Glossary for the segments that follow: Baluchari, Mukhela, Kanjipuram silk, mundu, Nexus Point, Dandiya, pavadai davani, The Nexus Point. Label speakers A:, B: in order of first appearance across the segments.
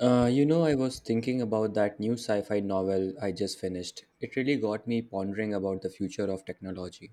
A: I was thinking about that new sci fi novel I just finished. It really got me pondering about the future of technology.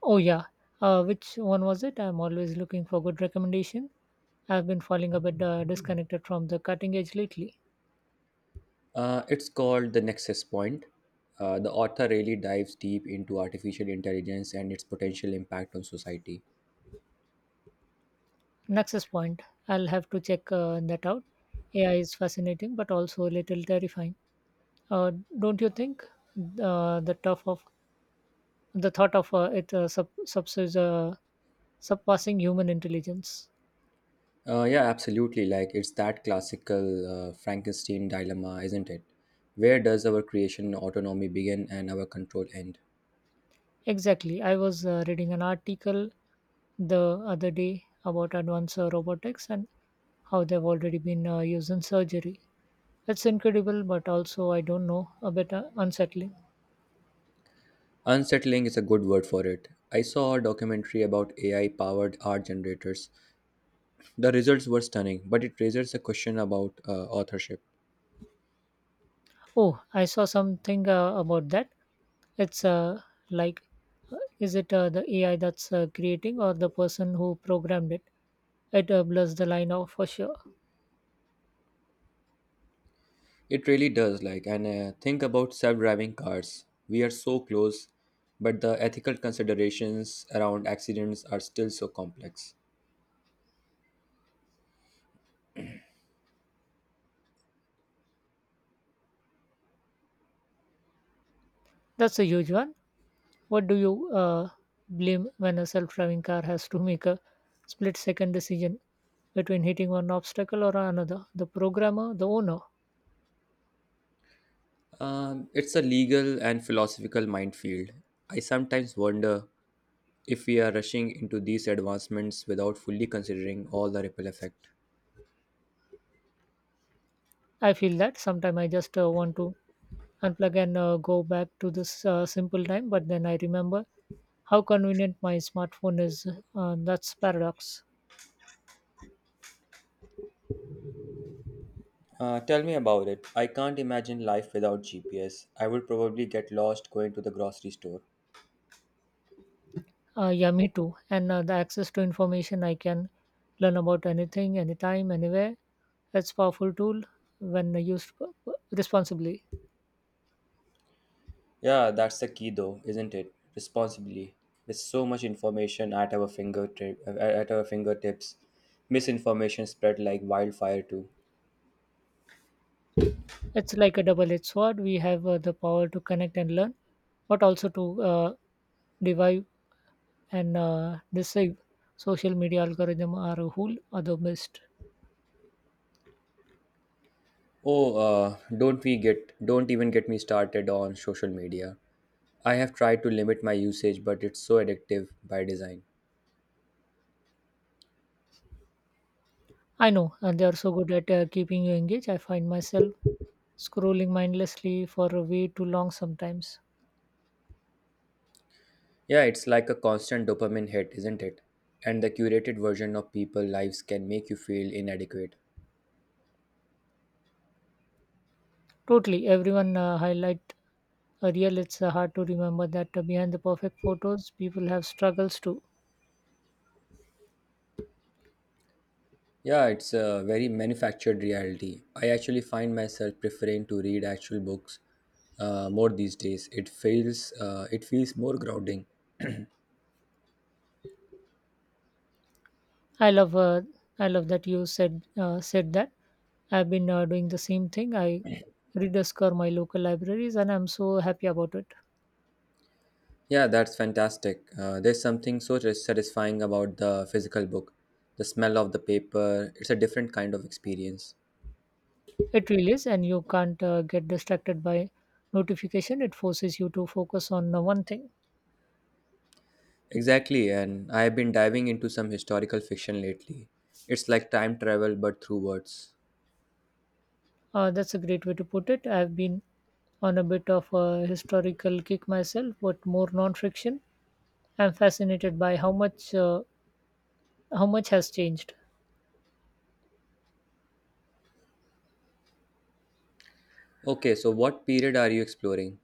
B: Oh yeah, which one was it? I'm always looking for good recommendation. I've been falling a bit disconnected from the cutting edge lately.
A: It's called The Nexus Point. The author really dives deep into artificial intelligence and its potential impact on society.
B: Nexus Point. I'll have to check that out. AI is fascinating, but also a little terrifying. Uh, don't you think? Uh, the tough of the thought of it surpassing human intelligence.
A: Yeah, absolutely. Like, it's that classical Frankenstein dilemma, isn't it? Where does our creation autonomy begin and our control end?
B: Exactly. I was reading an article the other day about advanced robotics and how they've already been used in surgery. It's incredible, but also, I don't know, a bit unsettling.
A: Unsettling is a good word for it. I saw a documentary about AI powered art generators. The results were stunning, but it raises a question about authorship.
B: Oh, I saw something about that. It's like, is it the AI that's creating, or the person who programmed it? It blurs the line out for sure.
A: It really does. Like, and think about self-driving cars. We are so close, but the ethical considerations around accidents are still so complex.
B: That's a huge one. What do you blame when a self driving car has to make a split second decision between hitting one obstacle or another? The programmer, the owner.
A: It's a legal and philosophical minefield. I sometimes wonder if we are rushing into these advancements without fully considering all the ripple effect.
B: I feel that sometimes I just want to unplug and go back to this simple time, but then I remember how convenient my smartphone is. That's paradox.
A: Tell me about it. I can't imagine life without GPS. I would probably get lost going to the grocery store.
B: Yeah, me too, and the access to information, I can learn about anything anytime anywhere. It's powerful tool when used responsibly.
A: Yeah, that's the key though, isn't it? Responsibly. With so much information at our fingertips, misinformation spread like wildfire too.
B: It's like a double-edged sword. We have the power to connect and learn, but also to divide and deceive. Social media algorithm are a whole other beast.
A: Oh, uh, don't even get me started on social media. I have tried to limit my usage, but it's so addictive by design.
B: I know, and they are so good at keeping you engaged. I find myself scrolling mindlessly for way too long sometimes.
A: Yeah, it's like a constant dopamine hit, isn't it? And the curated version of people lives can make you feel inadequate.
B: Totally, everyone highlight a real. It's hard to remember that behind the perfect photos, people have struggles too.
A: Yeah, it's a very manufactured reality. I actually find myself preferring to read actual books more these days. It feels it feels more grounding.
B: I love, uh, I love that you said said that. I've been doing the same thing. I rediscover my local libraries, and I'm so happy about it.
A: Yeah, that's fantastic. There's something so satisfying about the physical book. The smell of the paper, it's a different kind of experience.
B: It really is, and you can't get distracted by notification. It forces you to focus on one thing.
A: Exactly, and I have been diving into some historical fiction lately. It's like time travel but through words.
B: That's a great way to put it. I've been on a bit of a historical kick myself, but more non-fiction. I'm fascinated by how much has changed.
A: Okay, so what period are you exploring?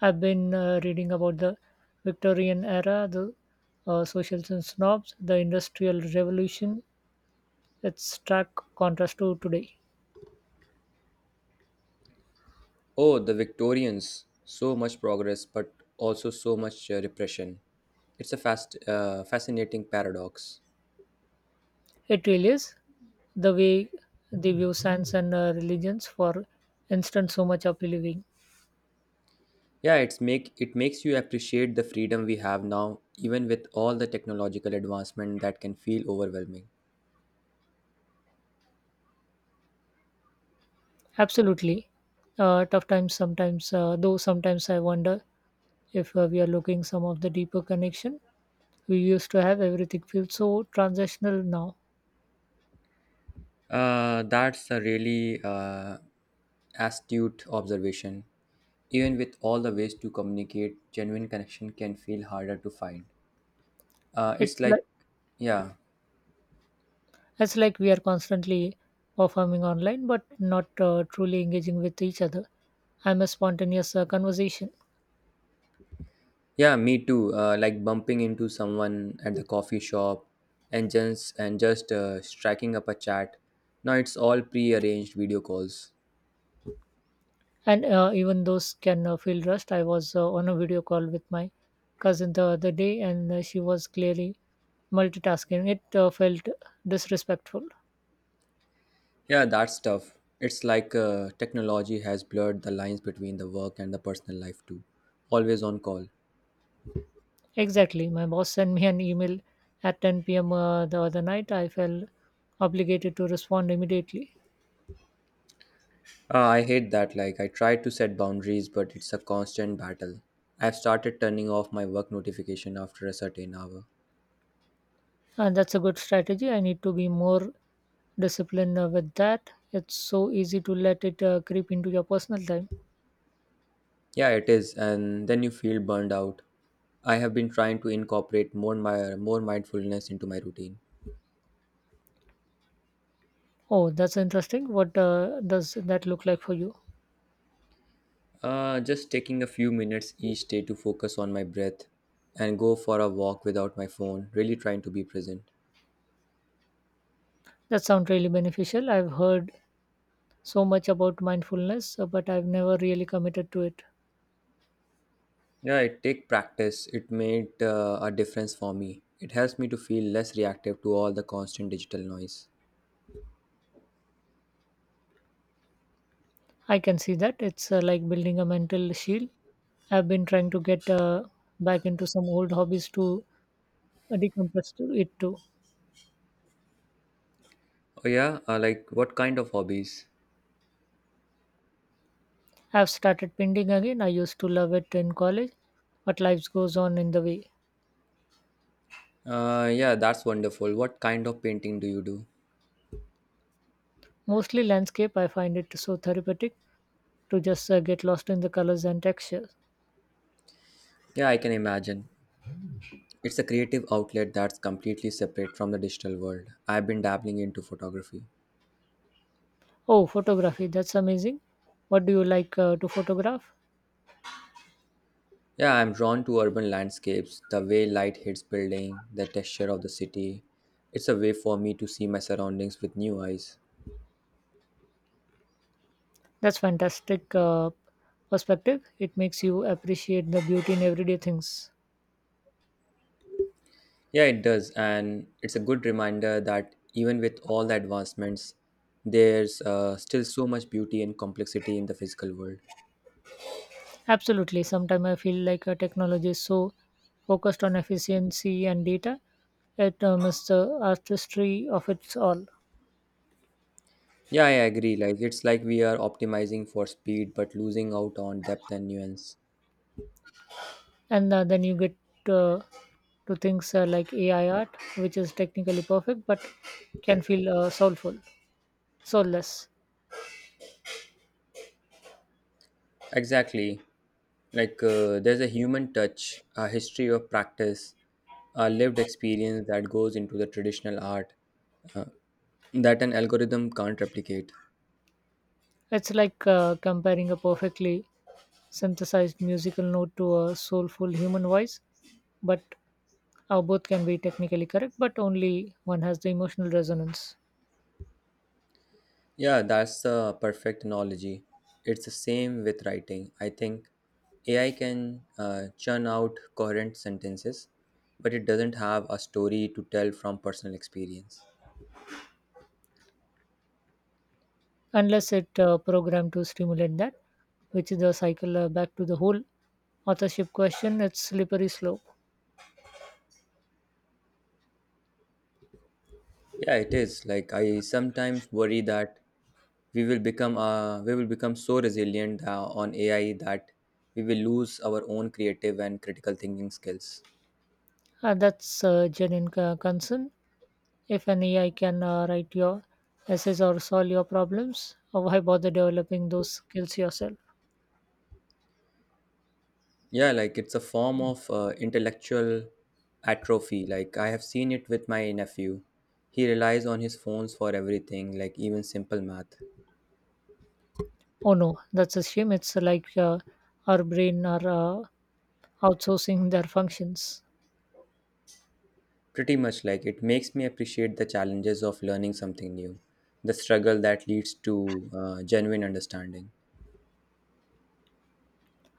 B: I've been reading about the Victorian era, the socials and snobs, the Industrial Revolution. It's stark contrast to today.
A: Oh, the Victorians. So much progress, but also so much repression. It's a fascinating paradox.
B: It really is the way they view science and religions. For instance, so much of living.
A: Yeah, it makes you appreciate the freedom we have now, even with all the technological advancement that can feel overwhelming.
B: Absolutely, tough times sometimes. Though sometimes I wonder if we are looking some of the deeper connection we used to have. Everything feels so transactional now.
A: That's a really astute observation. Even with all the ways to communicate, genuine connection can feel harder to find. Uh, it's
B: it's like
A: like, yeah.
B: it's like we are constantly performing online, but not truly engaging with each other. I'm a spontaneous conversation.
A: Yeah, me too. Like bumping into someone at the coffee shop and just striking up a chat. Now it's all pre-arranged video calls.
B: And even those can feel rushed. I was on a video call with my cousin the other day, and she was clearly multitasking. It felt disrespectful.
A: Yeah, that's tough. It's like technology has blurred the lines between the work and the personal life too. Always on call.
B: Exactly. My boss sent me an email at 10 p.m. The other night. I felt obligated to respond immediately.
A: I hate that. Like, I try to set boundaries, but it's a constant battle. I've started turning off my work notification after a certain hour.
B: And that's a good strategy. I need to be more disciplined with that. It's so easy to let it creep into your personal time.
A: Yeah, it is, and then you feel burned out. I have been trying to incorporate more mindfulness into my routine.
B: Oh, that's interesting. What does that look like for you?
A: Just taking a few minutes each day to focus on my breath and go for a walk without my phone, really trying to be present.
B: That sounds really beneficial. I've heard so much about mindfulness, but I've never really committed to it.
A: Yeah, it take practice. It made a difference for me. It helps me to feel less reactive to all the constant digital noise.
B: I can see that. It's like building a mental shield. I've been trying to get back into some old hobbies to decompress to it too.
A: Oh yeah, like what kind of hobbies?
B: I've started painting again. I used to love it in college, but life goes on in the way.
A: Yeah, that's wonderful. What kind of painting do you do?
B: Mostly landscape. I find it so therapeutic to just get lost in the colors and textures.
A: Yeah, I can imagine. It's a creative outlet that's completely separate from the digital world. I've been dabbling into photography.
B: Oh, photography. That's amazing. What do you like to photograph?
A: Yeah, I'm drawn to urban landscapes, the way light hits building, the texture of the city. It's a way for me to see my surroundings with new eyes.
B: That's fantastic perspective. It makes you appreciate the beauty in everyday things.
A: Yeah, it does, and it's a good reminder that even with all the advancements, there's still so much beauty and complexity in the physical world.
B: Absolutely. Sometimes I feel like technology is so focused on efficiency and data, it misses the artistry of its all.
A: Yeah, I agree. Like, it's like we are optimizing for speed but losing out on depth and nuance.
B: And then you get uh, to things like AI art, which is technically perfect but can feel soulful, soulless.
A: Exactly. Like, there's a human touch, a history of practice, a lived experience that goes into the traditional art that an algorithm can't replicate.
B: It's like comparing a perfectly synthesized musical note to a soulful human voice, but both can be technically correct, but only one has the emotional resonance.
A: Yeah, that's a perfect analogy. It's the same with writing, I think. AI can churn out coherent sentences, but it doesn't have a story to tell from personal experience.
B: Unless it programmed to stimulate that, which is the cycle back to the whole authorship question. It's slippery slope.
A: Yeah, it is. Like, I sometimes worry that we will become so resilient on AI that we will lose our own creative and critical thinking skills.
B: That's a genuine concern. If an AI can write your essays or solve your problems, why bother developing those skills yourself?
A: Yeah, like it's a form of intellectual atrophy. Like, I have seen it with my nephew. He relies on his phones for everything, like even simple math.
B: Oh no, that's a shame. It's like our brain are uh, outsourcing their functions.
A: Pretty much. Like, it makes me appreciate the challenges of learning something new, the struggle that leads to genuine understanding.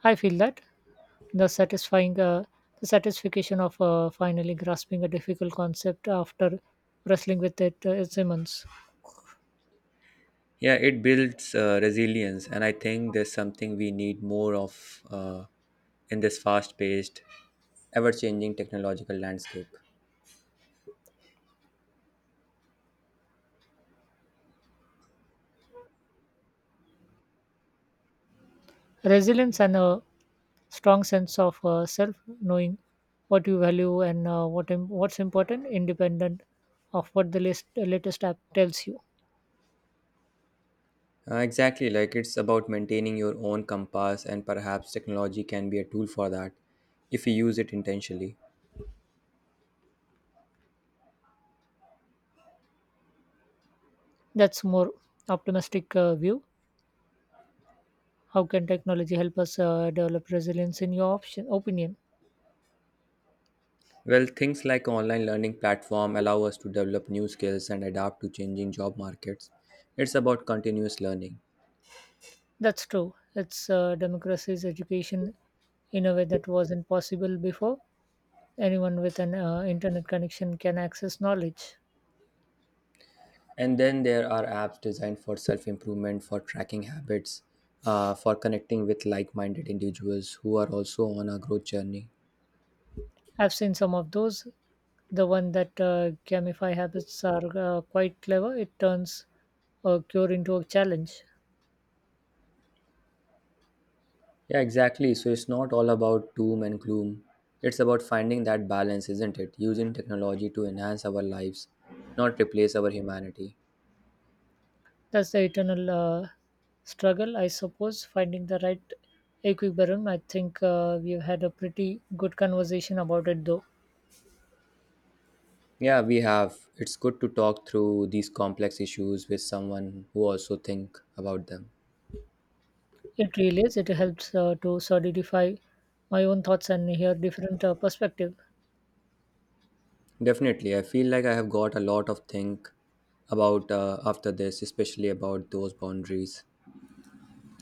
B: I feel that the satisfying uh, the satisfaction of finally grasping a difficult concept after wrestling with it is immense.
A: Yeah, it builds resilience, and I think there's something we need more of in this fast paced, ever changing technological landscape.
B: Resilience and a strong sense of self, knowing what you value and what's important, independent of what the latest app tells you.
A: Exactly. Like, it's about maintaining your own compass, and perhaps technology can be a tool for that if you use it intentionally.
B: That's more optimistic view. How can technology help us develop resilience? In your option opinion,
A: Well, things like online learning platform allow us to develop new skills and adapt to changing job markets. It's about continuous learning.
B: that's true. It's democracy's education in a way that wasn't possible before. Anyone with an internet connection can access knowledge.
A: And then there are apps designed for self improvement, for tracking habits, for connecting with like minded individuals who are also on a growth journey.
B: I've seen some of those. The one that gamify habits are quite clever. It turns a cure into a challenge.
A: Yeah, exactly. So it's not all about doom and gloom. It's about finding that balance, isn't it? Using technology to enhance our lives, not replace our humanity.
B: That's the eternal struggle, I suppose, finding the right equilibrium. I think we've had a pretty good conversation about it, though.
A: Yeah, we have. It's good to talk through these complex issues with someone who also think about them.
B: It really is. It helps to solidify my own thoughts and hear different perspectives.
A: Definitely, I feel like I have got a lot of think about after this, especially about those boundaries.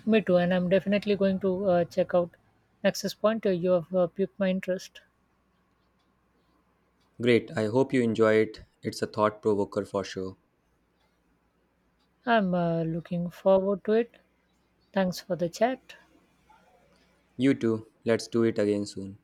B: Me too, and I'm definitely going to check out Nexus Point. You have piqued my interest.
A: Great, I hope you enjoy it. It's a thought provoker for sure.
B: I'm looking forward to it. Thanks for the chat.
A: You too. Let's do it again soon.